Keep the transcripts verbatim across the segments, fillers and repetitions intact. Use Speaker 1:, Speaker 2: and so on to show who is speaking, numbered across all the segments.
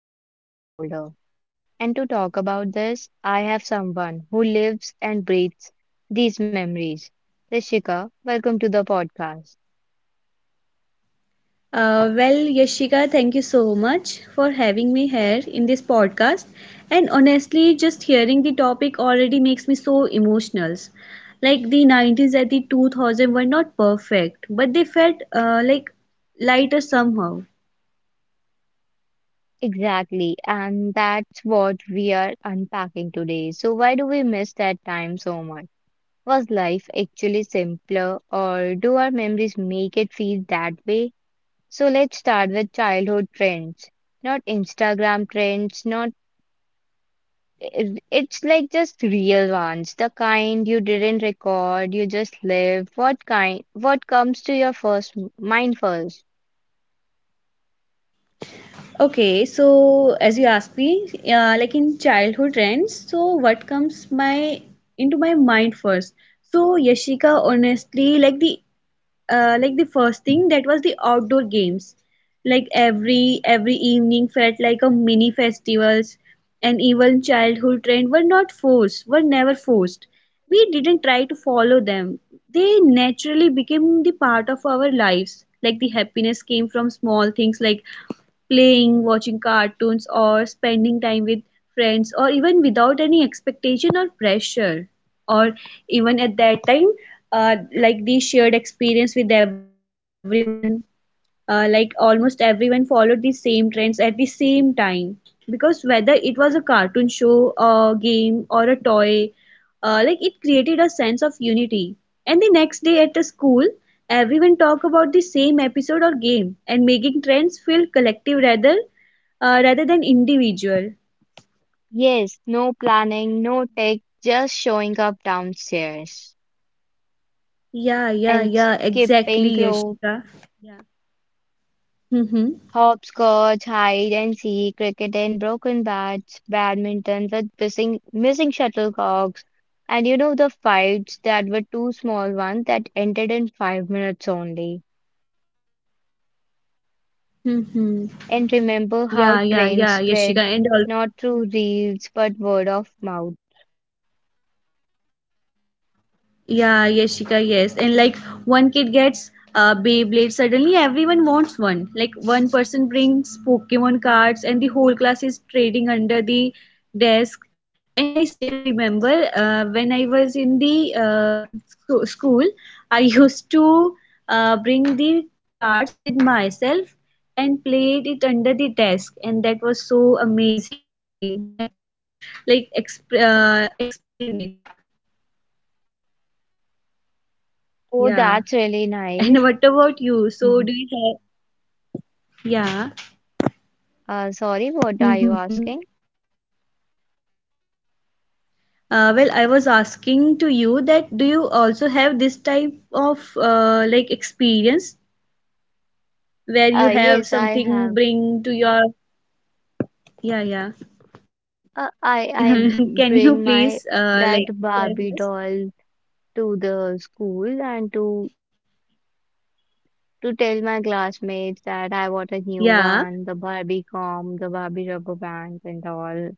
Speaker 1: tapping your shoulder. And to talk about this, I have someone who lives and breathes these memories. Rishika, welcome to the podcast.
Speaker 2: Uh, well, Yashika, thank you so much for having me here in this podcast. And honestly, just hearing topic already makes me so emotional. Like the nineties and the two thousand were not perfect, but they felt uh, like lighter somehow.
Speaker 1: Exactly, and that's what we are unpacking today. So, why do we miss that time so much? Was life actually simpler, or do our memories make it feel that way? So, let's start with childhood trends. Not Instagram trends, not it- It's like just real ones, the kind you didn't record, you just live. What kind, what comes to your first m- mind first?
Speaker 2: Okay, so as you asked me, uh, like in childhood trends, so what comes my into my mind first? So Yashika, honestly, like the uh, like the first thing that was the outdoor games, like every every evening felt like a mini festivals, and even childhood trend were not forced were never forced. We didn't try to follow them. They naturally became the part of our lives. Like the happiness came from small things like playing, watching cartoons, or spending time with friends, or even without any expectation or pressure. Or even at that time, uh, like the shared experience with everyone, uh, like almost everyone followed the same trends at the same time, because whether it was a cartoon show, a game, or a toy, uh, like it created a sense of unity. And the next day at the school, everyone talked about the same episode or game, and making trends feel collective, rather uh, rather than individual.
Speaker 1: Yes, no planning, no tech, just showing up downstairs
Speaker 2: Yeah, yeah,
Speaker 1: and
Speaker 2: yeah, exactly,
Speaker 1: skipping rope,
Speaker 2: Yashika. yeah. Mm-hmm.
Speaker 1: hopscotch, hide and seek, cricket and broken bats, badminton with missing missing shuttlecocks, and you know the fights that were too small ones that ended in five minutes only.
Speaker 2: Mm-hmm.
Speaker 1: And remember
Speaker 2: Yeah,
Speaker 1: how
Speaker 2: yeah,
Speaker 1: trends
Speaker 2: yeah,
Speaker 1: spread
Speaker 2: Yashika. And all,
Speaker 1: not through reels but word of mouth.
Speaker 2: yeah, Yashika, yes. And like one kid gets a Beyblade, suddenly everyone wants one. Like one person brings Pokemon cards, and the whole class is trading under the desk. And I still remember uh, when I was in the uh, scho- school, I used to uh, bring the cards with myself and played it under the desk, and that was so amazing feeling. I can't like exp- uh, explain it.
Speaker 1: Oh,
Speaker 2: Yeah.
Speaker 1: that's really
Speaker 2: And
Speaker 1: nice.
Speaker 2: what about you? So
Speaker 1: Mhm.
Speaker 2: do you have, yeah.
Speaker 1: Uh, sorry, what are you
Speaker 2: Mm-hmm.
Speaker 1: asking?
Speaker 2: Uh, well, I was asking to you that do you also have this type of uh, like experience
Speaker 1: Uh,
Speaker 2: where you
Speaker 1: yes, I
Speaker 2: have
Speaker 1: have.
Speaker 2: something bring to your, yeah, yeah.
Speaker 1: Uh, I I
Speaker 2: Can you
Speaker 1: bring my
Speaker 2: please uh, like
Speaker 1: that
Speaker 2: share with
Speaker 1: Barbie
Speaker 2: us?
Speaker 1: doll to the school and to to tell my classmates that I want a
Speaker 2: Yeah,
Speaker 1: new one, the Barbie comb, the Barbie rubber band, and all.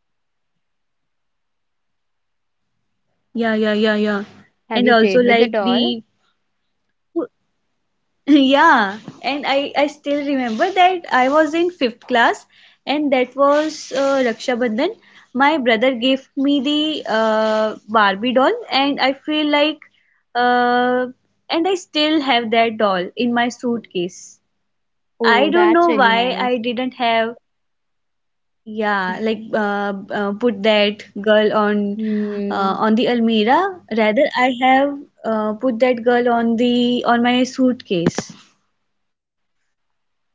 Speaker 2: yeah, yeah, yeah, yeah. And
Speaker 1: Have you
Speaker 2: also
Speaker 1: played with the
Speaker 2: like
Speaker 1: doll?
Speaker 2: the yeah. And i i still remember that I was in fifth class, and that was uh, Raksha Bandhan. My brother gave me the uh, Barbie doll and I feel like, uh, and I still have that doll in my suitcase. I
Speaker 1: Oh,
Speaker 2: don't
Speaker 1: that's
Speaker 2: know
Speaker 1: really
Speaker 2: why I
Speaker 1: nice.
Speaker 2: didn't have, yeah, like uh, uh, put that girl on uh,
Speaker 1: Hmm.
Speaker 2: on the almirah. Rather I have uh, put that girl on the on my suitcase.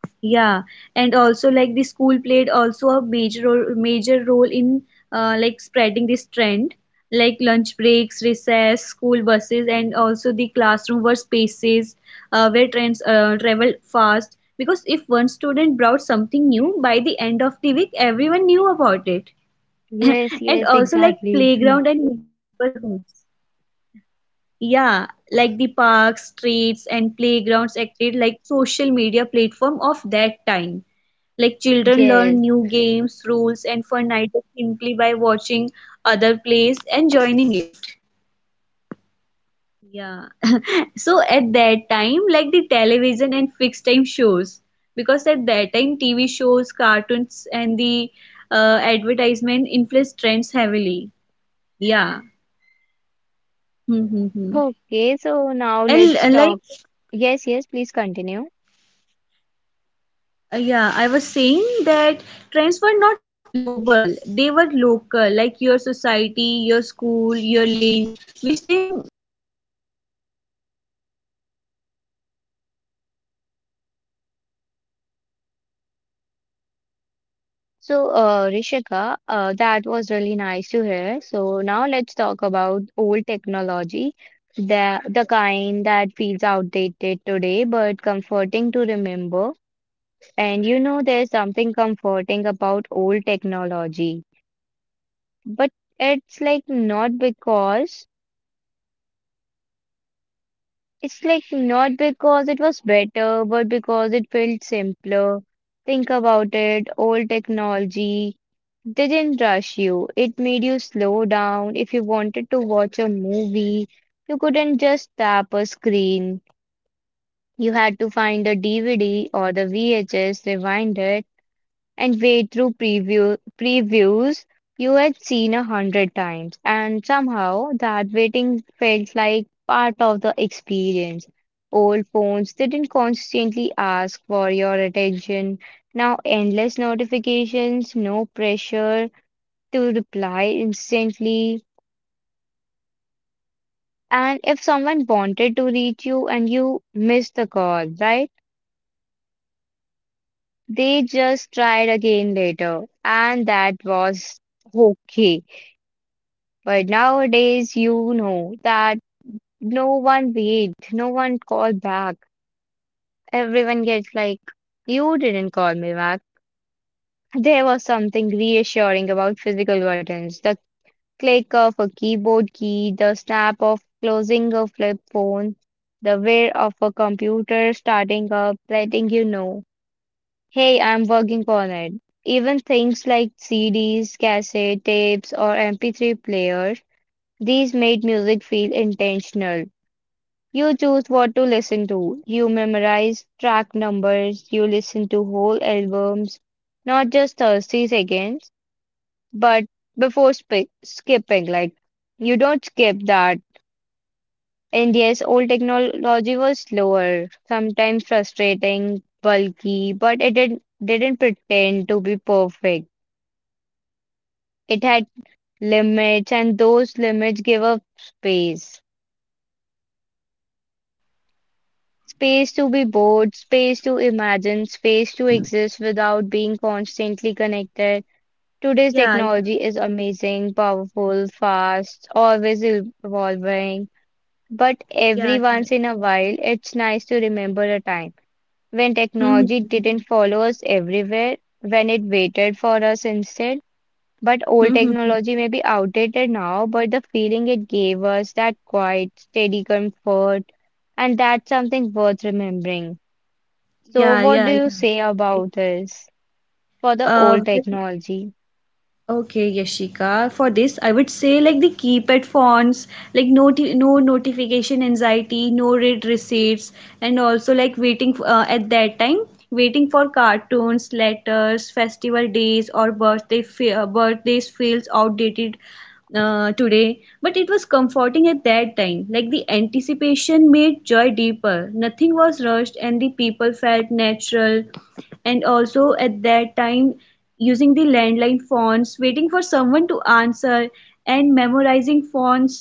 Speaker 2: Yeah, and also like the school played also a major ro- major role in uh, like spreading this trend. Like lunch breaks, recess, school buses, and also the classroom were spaces uh, where trends uh, traveled fast. Because if one student brought something new, by the end of the week, everyone knew about it.
Speaker 1: Yes,
Speaker 2: And
Speaker 1: yes,
Speaker 2: also like
Speaker 1: exactly.
Speaker 2: playground and neighborhoods. Yeah, like the parks, streets, and playgrounds acted like social media platform of that time. Like children learn
Speaker 1: Yes.
Speaker 2: new games, rules, and fun ideas simply by watching other plays and joining it. Yeah. So at that time, like the television and fixed time shows, because at that time T V shows, cartoons, and the uh, advertisement influenced trends heavily. Yeah. Hmm, hmm, hmm.
Speaker 1: Okay, so now
Speaker 2: And
Speaker 1: let's
Speaker 2: uh, like
Speaker 1: talk. Yes, yes, please continue.
Speaker 2: Uh, yeah, I was saying that trends were not global; they were local, like your society, your school, your lane, which them which made them feel personal. You were not copying strangers; you were just copying your friends. Yeah.
Speaker 1: So, uh, Rishika, uh, that was really nice to hear. So
Speaker 2: Hmm.
Speaker 1: now let's talk about old technology, the the kind that feels
Speaker 2: Yeah.
Speaker 1: outdated today, but comforting to
Speaker 2: I
Speaker 1: remember.
Speaker 2: think it was like
Speaker 1: And
Speaker 2: that.
Speaker 1: you know, there's something comforting about old technology, but it's like not because It's like not because it was better, but because it felt simpler. Think about it, old technology didn't rush you. It made you slow down. If you wanted to watch a movie, you couldn't just tap a screen. You had to find the D V D or the V H S, rewind it and wade through preview, previews you had seen a hundred times, and somehow that waiting felt like part of the experience. Old phones didn't constantly ask for your attention. Now, endless notifications, no pressure to reply instantly. And if someone wanted to reach you and you missed the call, right? They just tried again later, and that was okay. But nowadays, you know that no one waits, no one called back. Everyone gets like, you didn't call me back. There was something reassuring about physical buttons, the click of a keyboard key, the snap of closing a flip phone, the whir of a computer starting up, letting you know, hey, I'm working on it. Even things like C Ds, cassette tapes, or M P three players, these made music feel intentional. You choose what to listen to. You memorize track numbers. You listen to whole albums, not just thirty seconds, but before sp skipping, like you don't skip that. And yes, old technology was slower, sometimes frustrating, bulky, but it didn't, didn't pretend to be perfect. It had limits, and those limits give up space. Space to be bored, space to imagine, space to exist without being constantly connected. Today's
Speaker 2: Yeah,
Speaker 1: technology is amazing, powerful, fast, always evolving. But
Speaker 2: yeah,
Speaker 1: every
Speaker 2: yeah.
Speaker 1: once in a while, it's nice to remember a time when technology
Speaker 2: Mm-hmm.
Speaker 1: didn't follow us everywhere, when it waited for us instead. But old
Speaker 2: Mm-hmm.
Speaker 1: technology may be outdated now, but the feeling it gave us, that quiet, steady comfort, and that's something worth remembering. So,
Speaker 2: Yeah,
Speaker 1: what
Speaker 2: yeah,
Speaker 1: do
Speaker 2: yeah.
Speaker 1: you say
Speaker 2: You're right.
Speaker 1: about this for the
Speaker 2: Uh,
Speaker 1: old
Speaker 2: well,
Speaker 1: technology?
Speaker 2: okay, Yashika. For this, I would say like the keypad fonts, like noti no notification anxiety, no read receipts, and also like waiting f- uh, at that time, waiting for cartoons, letters, festival days, or birthday fe uh, birthdays feels outdated uh, today. But it was comforting at that time. Like the anticipation made joy deeper. Nothing was rushed, and the people felt natural. And also at that time, using the landline phones, waiting for someone to answer and memorizing phones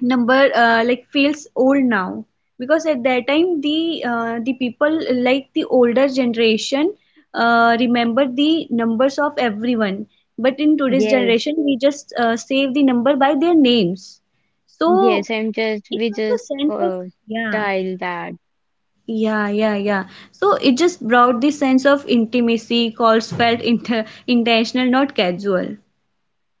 Speaker 2: number uh, like feels old now, because at that time the uh, the people, like the older generation, uh, remember the numbers of everyone. But in today's
Speaker 1: Yes,
Speaker 2: generation we just uh, save the number by their names. So
Speaker 1: yes, I'm just
Speaker 2: it
Speaker 1: we
Speaker 2: was a
Speaker 1: just
Speaker 2: sense of,
Speaker 1: uh,
Speaker 2: yeah,
Speaker 1: dial that.
Speaker 2: yeah, yeah, yeah. So it just brought this sense of intimacy, calls felt inter intentional, not casual.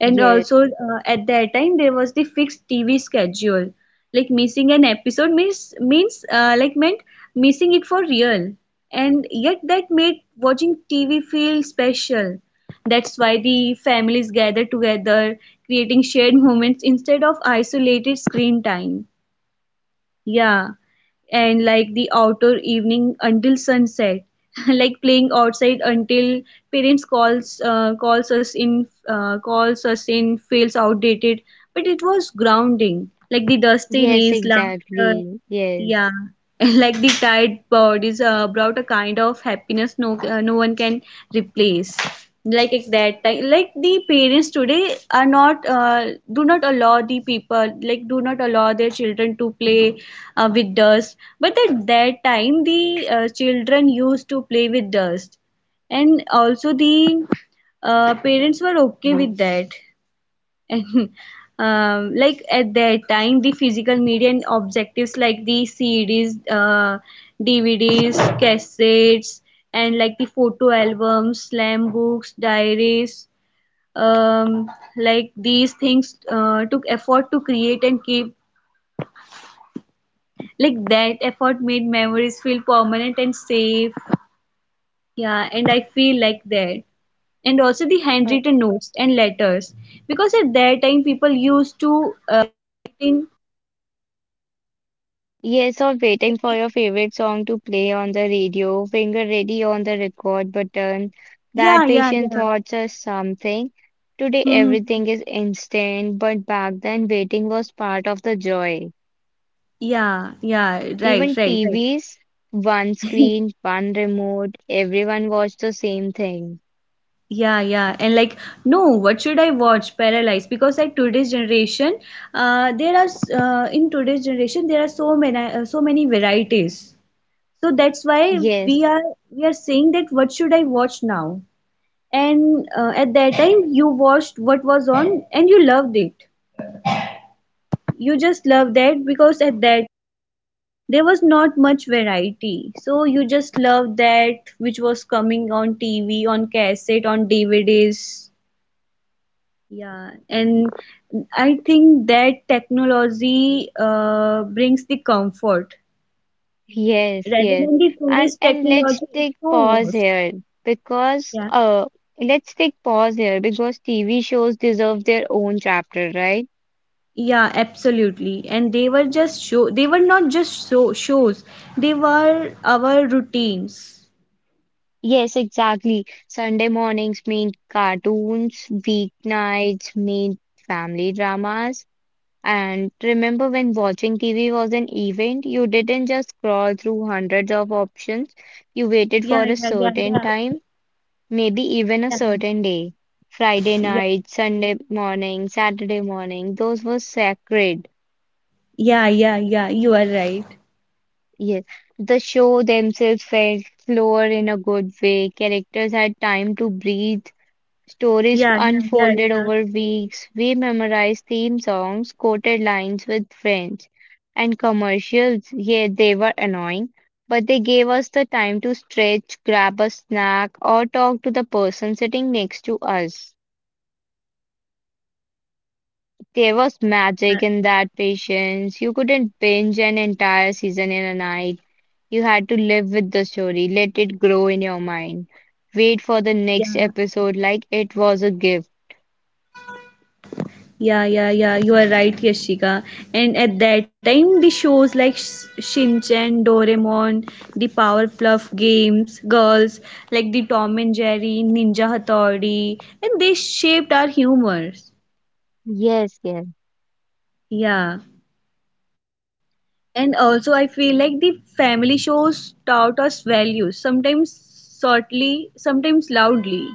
Speaker 2: And also, uh, at that time, there was the fixed T V schedule. Like missing an episode means means uh, like meant missing it for real. And yet that made watching T V feel special. That's why the families gather together, creating shared moments instead of isolated screen time. Yeah, and like the outdoor evening until sunset, like playing outside until parents calls uh, calls us in uh, calls us in feels outdated, but it was grounding like the dusty
Speaker 1: yes,
Speaker 2: knees laughter,
Speaker 1: exactly. Yes.
Speaker 2: yeah, and like the tide bodies uh, brought a kind of happiness no uh, no one can replace. Like at that time, like the parents today are not uh, do not allow the people like do not allow their children to play uh, with dust. But at that time, the uh, children used to play with dust, and also the uh, parents were okay with that. And um, like at that time the physical media and objectives like the cds, uh, dvds, cassettes, and like the photo albums, slam books, diaries, um, like these things uh, took effort to create and keep. Like that effort made memories feel permanent and safe. Yeah, and I feel like that. And also the
Speaker 1: Uh,
Speaker 2: handwritten notes and letters, because at that time people used to uh, write
Speaker 1: yes, or
Speaker 2: in.
Speaker 1: waiting for your favorite song to play on the radio, finger ready on the record button.
Speaker 2: Yeah,
Speaker 1: That
Speaker 2: yeah,
Speaker 1: patient
Speaker 2: yeah.
Speaker 1: thoughts are something. Today,
Speaker 2: Hmm.
Speaker 1: everything is instant, but back then, waiting was part of the joy.
Speaker 2: Yeah, yeah, right,
Speaker 1: Even
Speaker 2: right, right.
Speaker 1: T Vs, one screen, one remote, everyone watched the same thing.
Speaker 2: Yeah, yeah. And like, no, what should I watch? Paralyzed. Because like today's generation, uh, there are s- uh, in today's generation there are so many uh, so many varieties. So that's why we
Speaker 1: Yes,
Speaker 2: are we are saying that what should I watch now? And uh, at that time you watched what was on and you loved it. You just loved that because at that there was not much variety. So you just loved that which was coming on T V, on cassette, on D V Ds. Yeah, and I think that technology uh, brings the comfort
Speaker 1: yes,
Speaker 2: rather
Speaker 1: yes.
Speaker 2: than the
Speaker 1: And
Speaker 2: today's
Speaker 1: and let's
Speaker 2: technology. It's
Speaker 1: take
Speaker 2: so
Speaker 1: pause
Speaker 2: worse.
Speaker 1: here because
Speaker 2: Yeah.
Speaker 1: uh let's take pause here because T V shows deserve their own chapter, right?
Speaker 2: Yeah, absolutely. And they were just show. They were not just show shows. They were our routines.
Speaker 1: Yes, exactly. Sunday mornings mean cartoons, weeknights mean family dramas. And remember when watching T V was an event, you didn't just scroll through hundreds of options. You waited
Speaker 2: Yeah,
Speaker 1: for a
Speaker 2: yeah,
Speaker 1: certain
Speaker 2: yeah,
Speaker 1: time, maybe even a
Speaker 2: yeah, yeah,
Speaker 1: certain day. Friday
Speaker 2: yeah,
Speaker 1: night, Sunday morning, Saturday morning, those were sacred.
Speaker 2: yeah, yeah, yeah, you are right.
Speaker 1: Yes. The show themselves felt slower in a good way. Characters had time to breathe. Stories
Speaker 2: Yeah, yeah, yeah,
Speaker 1: unfolded
Speaker 2: yeah,
Speaker 1: over weeks. We memorized theme songs, quoted lines with friends, and commercials. Yeah, they were annoying, but they gave us the time to stretch, grab a snack, or talk to the person sitting next to us. There was magic
Speaker 2: uh,
Speaker 1: in that patience. You couldn't binge an entire season in a night. You had to live with the story, let it grow in your mind. Wait for the next
Speaker 2: yeah,
Speaker 1: episode like it was a gift.
Speaker 2: yeah, yeah, yeah. You are right, Yashika. And at that time, the shows like Sh- Shinchan, Doraemon, the Powerpuff Games, Girls, like the Tom and Jerry, Ninja Hattori, and they shaped our humors.
Speaker 1: Yes, yes.
Speaker 2: Yeah. And also, I feel like the family shows taught us values, sometimes subtly, sometimes loudly.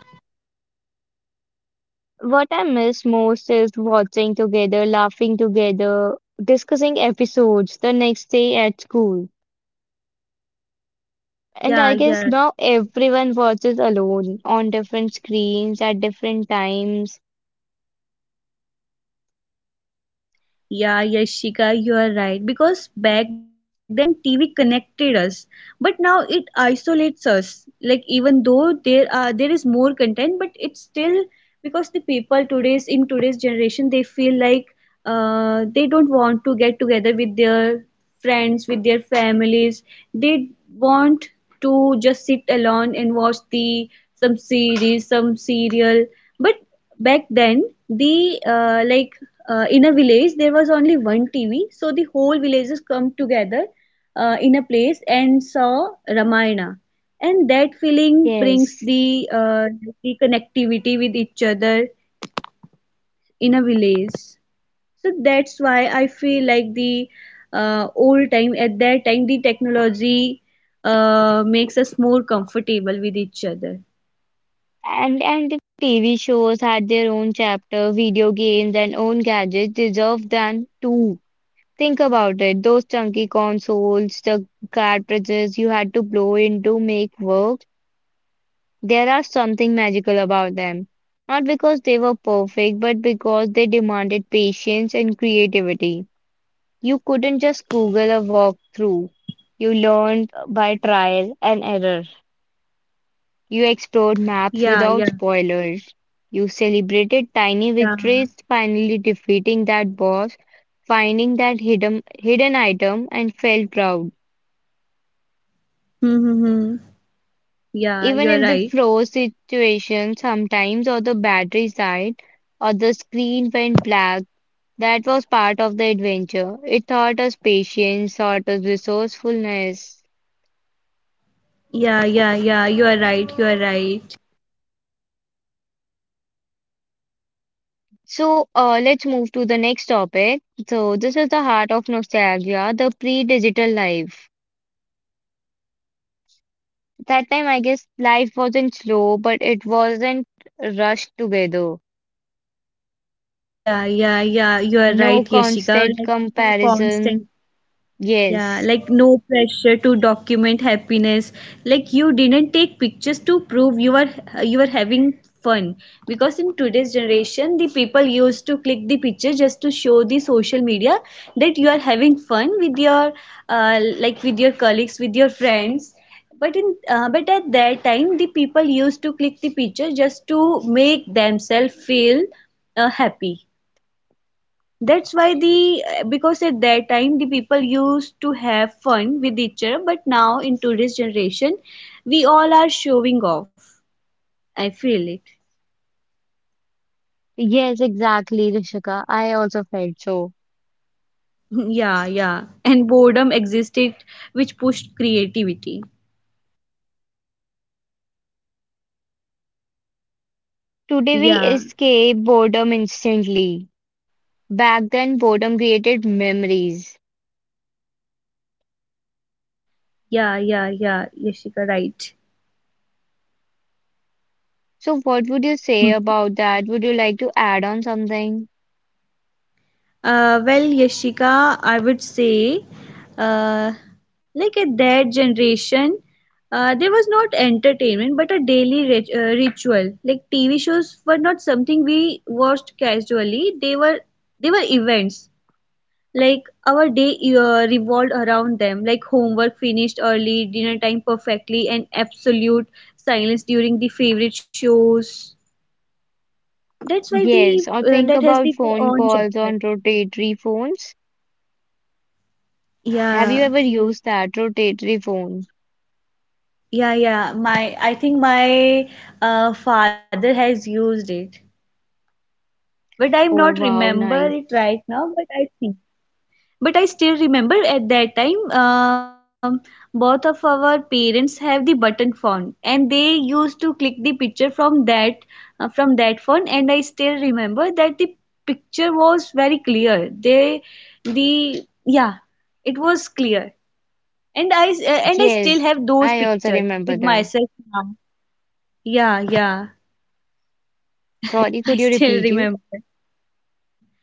Speaker 1: What I miss most is watching together, laughing together, discussing episodes the next day at school. And I guess now
Speaker 2: Yeah, yeah,
Speaker 1: everyone watches alone on different screens at different times.
Speaker 2: yeah, Yashika, you are right. Because back then T V connected us, but now it isolates us. Like even though there are there is more content, but it's still because the people today's in today's generation they feel like uh, they don't want to get together with their friends, with their families. They want to just alone and watch the some series, some serial. But back then the uh, like uh, in a village there was only one TV, so whole villages come together uh, in a place and saw Ramayana, and that feeling brings
Speaker 1: Yes.
Speaker 2: the uh, the connectivity with each other in a village. So that's why I feel like the uh, old time, at that time the technology uh, makes us more comfortable with each other.
Speaker 1: And and T V shows had their own chapter, video games and own gadgets deserved than too. Think about it. Those chunky consoles, the cartridges you had to blow in to make work. There are something magical about them. Not because they were perfect, but because they demanded patience and creativity. You couldn't just Google a walkthrough. You learned by trial and error. You explored maps
Speaker 2: Yeah,
Speaker 1: without
Speaker 2: yeah,
Speaker 1: spoilers. You celebrated tiny
Speaker 2: yeah.
Speaker 1: victories, finally defeating that boss, finding that hidden, hidden item, and felt proud.
Speaker 2: Hmm, hmm, hmm.
Speaker 1: Even
Speaker 2: Yeah,
Speaker 1: in the
Speaker 2: you're right.
Speaker 1: froze situation, sometimes or the battery died or the screen went black. That was part of the adventure. It taught us patience, taught us resourcefulness.
Speaker 2: Yeah, yeah, yeah, you're right, you're right.
Speaker 1: So, uh, let's move to the next topic. So, this is the heart of nostalgia, the pre-digital life. That time, I guess life wasn't slow, but it wasn't rushed together.
Speaker 2: Yeah, yeah, yeah. You are
Speaker 1: No
Speaker 2: right, Yashika.
Speaker 1: constant
Speaker 2: Like no constant,
Speaker 1: comparison.
Speaker 2: yeah,
Speaker 1: Yes.
Speaker 2: like no pressure to document happiness. Like you didn't take pictures to prove you are you are having fun. Because in today's generation, the people used to click the picture just to show the social media that are having fun with your uh, like with your colleagues, with your friends. But in uh, but at that time, the people used to click the picture just to make themselves feel uh, happy. That's why the, because at that time the people used to have fun with each other, but now in today's generation we all are showing off. I feel it.
Speaker 1: Yes, exactly, Rishika. I also felt so.
Speaker 2: Yeah, yeah, and boredom existed, which pushed creativity.
Speaker 1: Today we
Speaker 2: Yeah,
Speaker 1: escape boredom instantly. Back then, boredom created memories.
Speaker 2: yeah, yeah, yeah, Yeshika, right.
Speaker 1: So, what would you say
Speaker 2: Hmm.
Speaker 1: about that? Would you like to add on something?
Speaker 2: Uh, well, Yashika, I would say, uh, like at their generation, uh, there was not entertainment but a daily rit- uh, ritual. Like T V shows were not something we watched casually. They were they were events. Like our day uh, revolved around them. Like homework finished early, dinner time perfectly, and absolute silence during the favorite shows. That's why the
Speaker 1: Yes, or
Speaker 2: uh,
Speaker 1: think
Speaker 2: that has
Speaker 1: about
Speaker 2: the their
Speaker 1: phone
Speaker 2: own
Speaker 1: calls on
Speaker 2: chapter.
Speaker 1: rotatory phones. Have you
Speaker 2: Yeah.
Speaker 1: ever used that rotatory phone?
Speaker 2: Yeah, yeah. My, I think my uh, father has used it, but I'm
Speaker 1: Oh,
Speaker 2: not
Speaker 1: wow,
Speaker 2: remember
Speaker 1: nice.
Speaker 2: it right now. But I think, but I still remember at that time. Um, both of our parents have the button phone, and they used to click the picture from that uh, from that phone. And I still remember that the picture was very clear. They, the yeah, it was clear, and I s- uh, and I still
Speaker 1: Yes,
Speaker 2: have those
Speaker 1: I also
Speaker 2: pictures
Speaker 1: remember
Speaker 2: with
Speaker 1: that.
Speaker 2: myself now. Yeah, yeah.
Speaker 1: Sorry, could
Speaker 2: I
Speaker 1: you
Speaker 2: still
Speaker 1: repeat you?
Speaker 2: remember.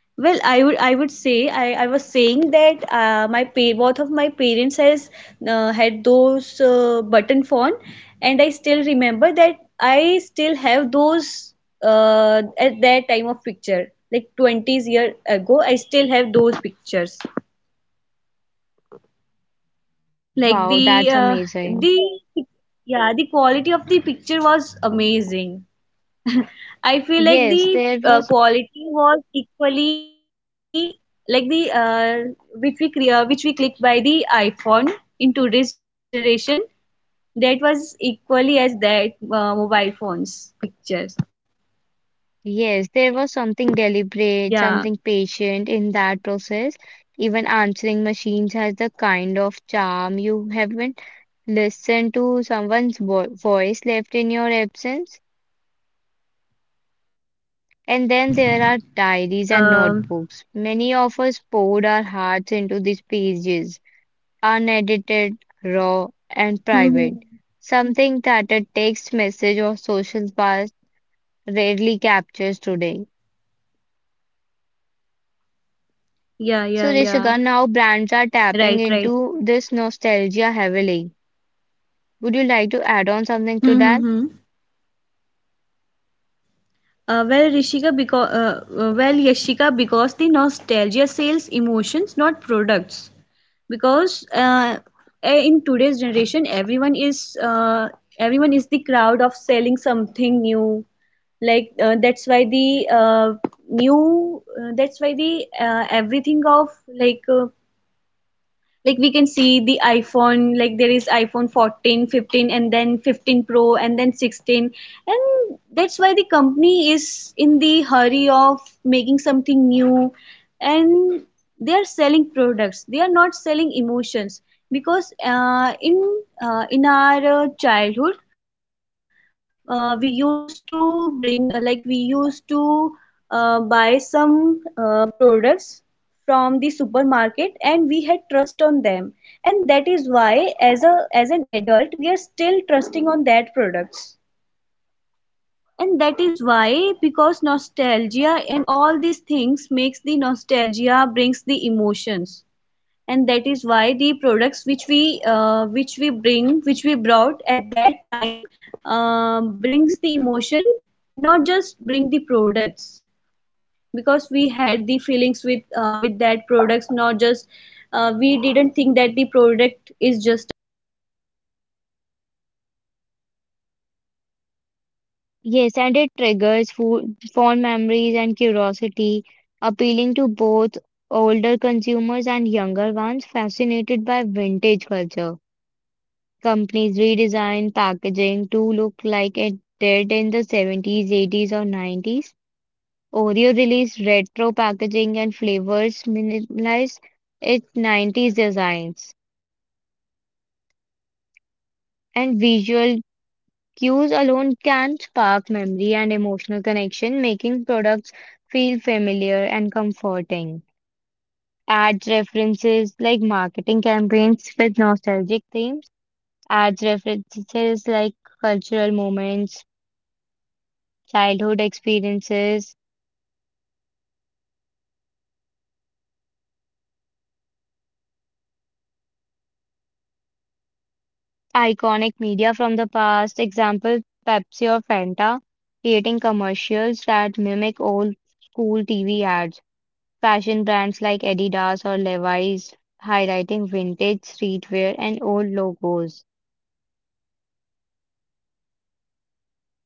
Speaker 2: Well, I would I would say I, I was saying that uh, my pay both of my parents has uh, had those uh, button phone, and I still remember that I still have those uh, at that time of picture like twenties year ago. I still have those pictures. Like
Speaker 1: Wow,
Speaker 2: the
Speaker 1: that's
Speaker 2: uh,
Speaker 1: amazing.
Speaker 2: the yeah the quality of the picture was amazing. I feel like
Speaker 1: Yes,
Speaker 2: the
Speaker 1: there
Speaker 2: uh,
Speaker 1: was
Speaker 2: quality was equally like the uh, which we crea- which we click by the iPhone in today's generation that was equally as that uh, mobile phones pictures.
Speaker 1: Yes, there was something deliberate,
Speaker 2: Yeah.
Speaker 1: something patient in that process. Even answering machines has the kind of charm you haven't listened to someone's vo voice left in your absence. And then there are diaries and
Speaker 2: Um.
Speaker 1: notebooks. Many of us poured our hearts into these pages, unedited, raw, and
Speaker 2: Mhm.
Speaker 1: private. Something that a text message or social buzz rarely captures today.
Speaker 2: Yeah,
Speaker 1: So,
Speaker 2: yeah,
Speaker 1: Rishika,
Speaker 2: yeah.
Speaker 1: now brands are tapping
Speaker 2: Right. Right.
Speaker 1: into this nostalgia heavily. Would you like to add on something to that?
Speaker 2: Mm-hmm. Uh, well, Rishika, because uh, uh, well, Yashika, because the nostalgia sells emotions, not products. Because eh, in today's generation everyone is uh, everyone is the crowd of selling something new, like uh, that's why the uh, new uh, that's the uh, everything of like uh, like we can see the iphone, like there is iphone fourteen fifteen and then fifteen pro and then sixteen. And that's why the company is in the hurry of making something new, and they are selling products, they are not selling emotions. Because uh, in uh, in our uh, childhood, uh, we used to bring uh, like we used to uh, buy some uh, products from the supermarket and we had trust on them. And that is why as a as an adult we are still trusting on that products. And that is why, because nostalgia and all these things makes the nostalgia brings the emotions. And that is why the products which we uh, which we bring which we brought at that time um, brings the emotion, not just bring the products. Because we had the feelings with uh, with that products, not just uh, we didn't think that the product is just a product, we think that we had some emotions with that.
Speaker 1: Yes,
Speaker 2: And
Speaker 1: and it
Speaker 2: also like the
Speaker 1: triggers
Speaker 2: old
Speaker 1: food, fond
Speaker 2: packaging,
Speaker 1: memories and
Speaker 2: retro ads, and
Speaker 1: curiosity,
Speaker 2: classic
Speaker 1: appealing
Speaker 2: jingles.
Speaker 1: to both
Speaker 2: Like at that
Speaker 1: older
Speaker 2: time, we used
Speaker 1: consumers and
Speaker 2: to have
Speaker 1: younger
Speaker 2: the
Speaker 1: ones fascinated
Speaker 2: uh,
Speaker 1: by
Speaker 2: radio
Speaker 1: vintage
Speaker 2: in our
Speaker 1: culture.
Speaker 2: home, and we
Speaker 1: Companies
Speaker 2: we
Speaker 1: redesign
Speaker 2: used to
Speaker 1: packaging to
Speaker 2: uh,
Speaker 1: look
Speaker 2: like there
Speaker 1: like
Speaker 2: is
Speaker 1: it
Speaker 2: the
Speaker 1: did
Speaker 2: antenna
Speaker 1: in the
Speaker 2: on an uh,
Speaker 1: seventies,
Speaker 2: on a
Speaker 1: eighties, or
Speaker 2: radio,
Speaker 1: nineties.
Speaker 2: and
Speaker 1: Oreo
Speaker 2: like that
Speaker 1: released
Speaker 2: capture the
Speaker 1: retro
Speaker 2: signals
Speaker 1: packaging and
Speaker 2: from
Speaker 1: flavors
Speaker 2: everywhere.
Speaker 1: minimalized its nineties designs.
Speaker 2: Yeah. And also
Speaker 1: And
Speaker 2: like the
Speaker 1: visual
Speaker 2: classics uh, like classic
Speaker 1: cues alone
Speaker 2: songs,
Speaker 1: can spark
Speaker 2: classic
Speaker 1: memory and
Speaker 2: uh,
Speaker 1: emotional
Speaker 2: like
Speaker 1: connection,
Speaker 2: classical
Speaker 1: making
Speaker 2: music.
Speaker 1: products
Speaker 2: And uh,
Speaker 1: feel
Speaker 2: i i
Speaker 1: familiar
Speaker 2: still
Speaker 1: and
Speaker 2: love the classical
Speaker 1: comforting.
Speaker 2: music in today's
Speaker 1: Ads
Speaker 2: generation,
Speaker 1: references like marketing campaigns with nostalgic themes,
Speaker 2: yeah.
Speaker 1: ads references
Speaker 2: And
Speaker 1: like
Speaker 2: uh, also like
Speaker 1: cultural
Speaker 2: all of
Speaker 1: moments,
Speaker 2: these things remind us of who
Speaker 1: childhood
Speaker 2: we were. Like at
Speaker 1: experiences,
Speaker 2: that time we were carefully carefree, like we were hopeful, we were curious. Because in today's generation we are in a,
Speaker 1: iconic media from the past, example Pepsi or Fanta, creating commercials that mimic
Speaker 2: yeah,
Speaker 1: old school T V ads. Fashion brands like Adidas or Levi's highlighting vintage streetwear and old
Speaker 2: yeah.
Speaker 1: logos.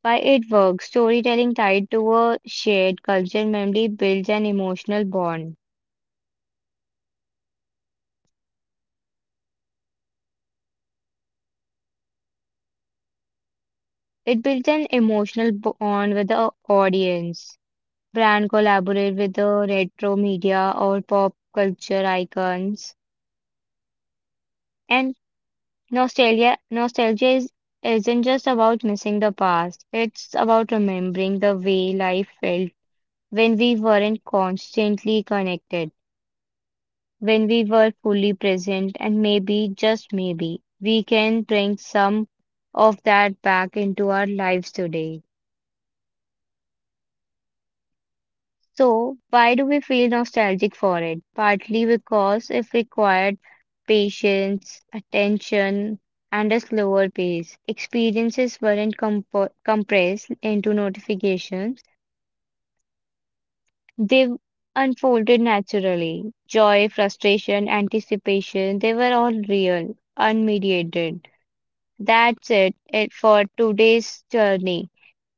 Speaker 1: Why it works? Storytelling tied to a shared culture memory builds an emotional bond. It builds an emotional bond with the audience. Brand collaborate with the retro media or pop culture icons. And nostalgia nostalgia is isn't just about missing the past. It's about remembering the way life felt when we weren't constantly connected, when we were fully present, and maybe, just maybe, we can bring some of that back into our lives today. So, why do we feel nostalgic for it? Partly because it required patience, attention, and a slower pace. Experiences weren't compo compressed into notifications. They unfolded naturally. Joy, frustration, anticipation, they were all real, unmediated. That's it, it for today's journey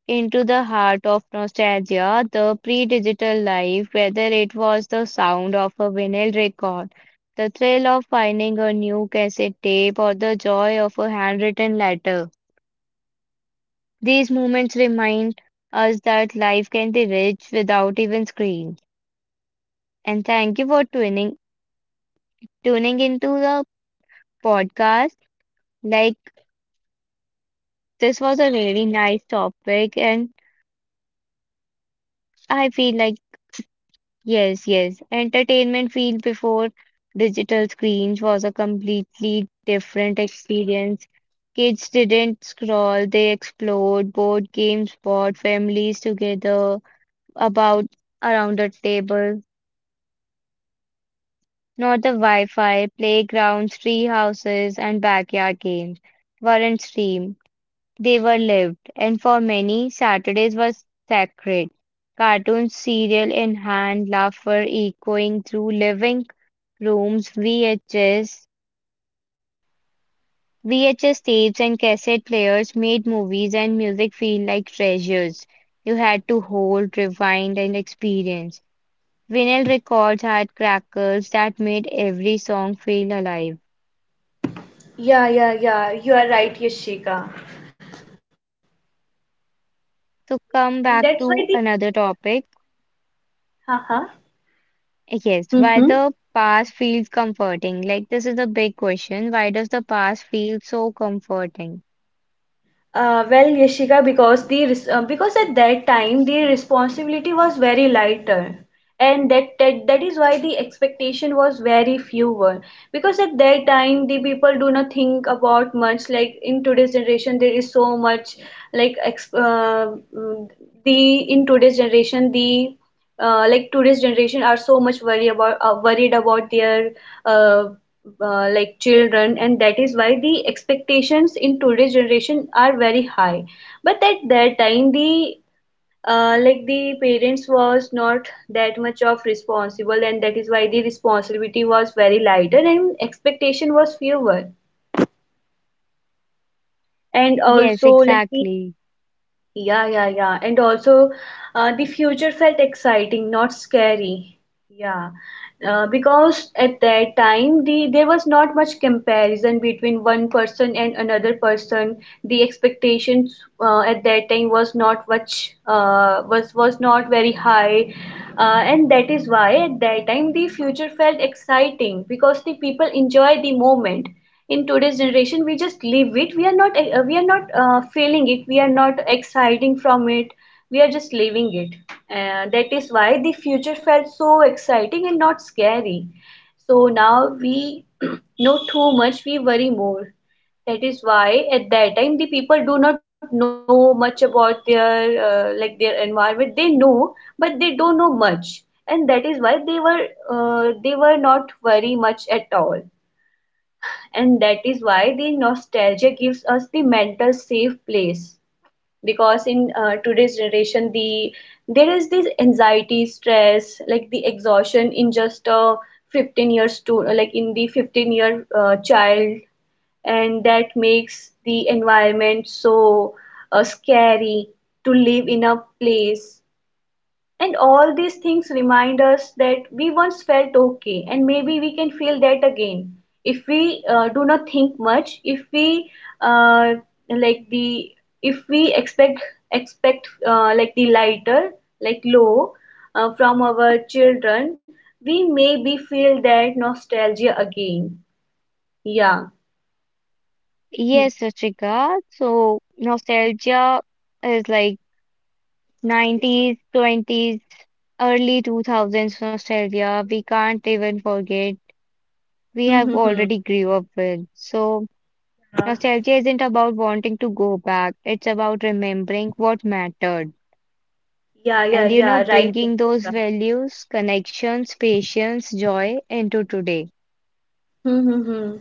Speaker 1: into the heart of nostalgia, the pre-digital life, whether it was the sound of a vinyl record, the thrill of finding a new cassette tape, or the joy of a handwritten letter. These moments remind us that life can be rich without even screens. And thank you for tuning tuning into the podcast. Like, this was a really nice topic, and I feel like, yes, yes, entertainment field before digital screens was a completely different experience. Kids didn't scroll, they explored, board games brought families together about around a table. Not the Wi-Fi, playgrounds, tree houses, and backyard games weren't streamed. They were lived, and for many, Saturdays were sacred. Cartoons, cereal in hand, laughter echoing through living rooms, V H S, V H S tapes and cassette players made movies and music feel like treasures you had to hold, rewind, and experience. Vinyl records had crackles that made every song feel alive.
Speaker 2: Yeah, yeah, yeah. You are right, Yashika.
Speaker 1: So
Speaker 2: And
Speaker 1: come
Speaker 2: that's
Speaker 1: back
Speaker 2: why the
Speaker 1: to another topic.
Speaker 2: haha.
Speaker 1: Yes, why
Speaker 2: Mm-hmm.
Speaker 1: the past feels comforting? Like, this is the big question. Why does the past feel so comforting?
Speaker 2: Uh, well, Yashika, because the res- uh, because at that time the responsibility was very lighter, and that, that that is why the expectation was very fewer. Because at that time the people do not think about much. Like in today's generation, there is so much, like ex- uh, mm, the in today's generation the uh, like today's generation are so much worry about uh, worried about their uh, uh, like children. And that is why the expectations in today's generation are very high, but at that time the uh, like the parents was not that much of responsible, and that is why the responsibility was very lighter and expectation was fewer. And
Speaker 1: Yes,
Speaker 2: also like the,
Speaker 1: exactly.
Speaker 2: yeah, yeah, yeah. And also, uh, the future felt exciting, not scary. Yeah. Uh, because at that time, the there was not much comparison between one person and another person. The expectations uh, at that time was not much uh, was was not very high, uh, and that is why at that time the future felt exciting because the people enjoy the moment. In today's generation we just live it, we are not uh, we are not uh, feeling it, we are not exciting from it, we are just living it. uh, that is why the future felt so exciting and not scary. So now we know too much, we worry more. That is why at that time the people do not know much about their uh, like their environment, they know but they don't know much. And that is why they were, uh, they were not worry much at all. And that is why the nostalgia gives us the mental safe place. Because in uh, today's generation the there is this anxiety stress like the exhaustion in just a fifteen years to uh, like in the fifteen year uh, child, and that makes the environment so uh, scary to live in a place. And all these things remind us that we once felt okay, and maybe we can feel that again if we uh, do not think much, if we uh, like the if we expect expect uh, like the lighter, like low, uh, from our children, we maybe feel that nostalgia again. Yeah. Hmm.
Speaker 1: Yes, Ruchika. So, nostalgia is like nineties, twenties, early two thousands nostalgia. We can't even forget. We
Speaker 2: Hmm, hmm,
Speaker 1: have
Speaker 2: hmm.
Speaker 1: already grew up with. So, nostalgia isn't about wanting to go back. It's about remembering what mattered.
Speaker 2: Yeah, yeah,
Speaker 1: And you
Speaker 2: yeah, yeah,
Speaker 1: know,
Speaker 2: right.
Speaker 1: bringing those values, connections, patience, joy into today.
Speaker 2: Mm-hmm.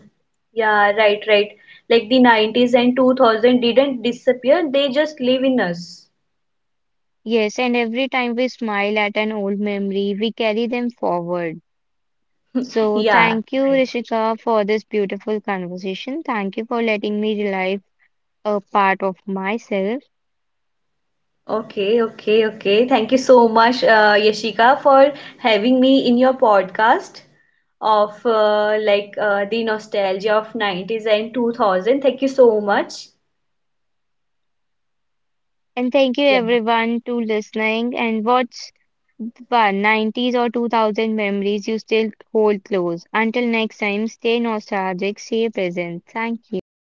Speaker 2: Yeah, right, right. Like the nineties and two thousand didn't disappear, they just live in us.
Speaker 1: Yes, and every time we smile at an old memory, we carry them forward. So,
Speaker 2: Yeah,
Speaker 1: thank you,
Speaker 2: right.
Speaker 1: Rishika, for this beautiful conversation. Thank you for letting me relive a part of myself.
Speaker 2: Okay, okay, okay. Thank you so much, uh, Yashika, for having me in your podcast of uh, like uh, the nostalgia of nineties and two thousand. Thank you so much.
Speaker 1: And thank you,
Speaker 2: Yeah.
Speaker 1: everyone, to listening. And what's one nineties or two thousand memories you still hold close? Until next time, stay nostalgic, stay present. Thank you.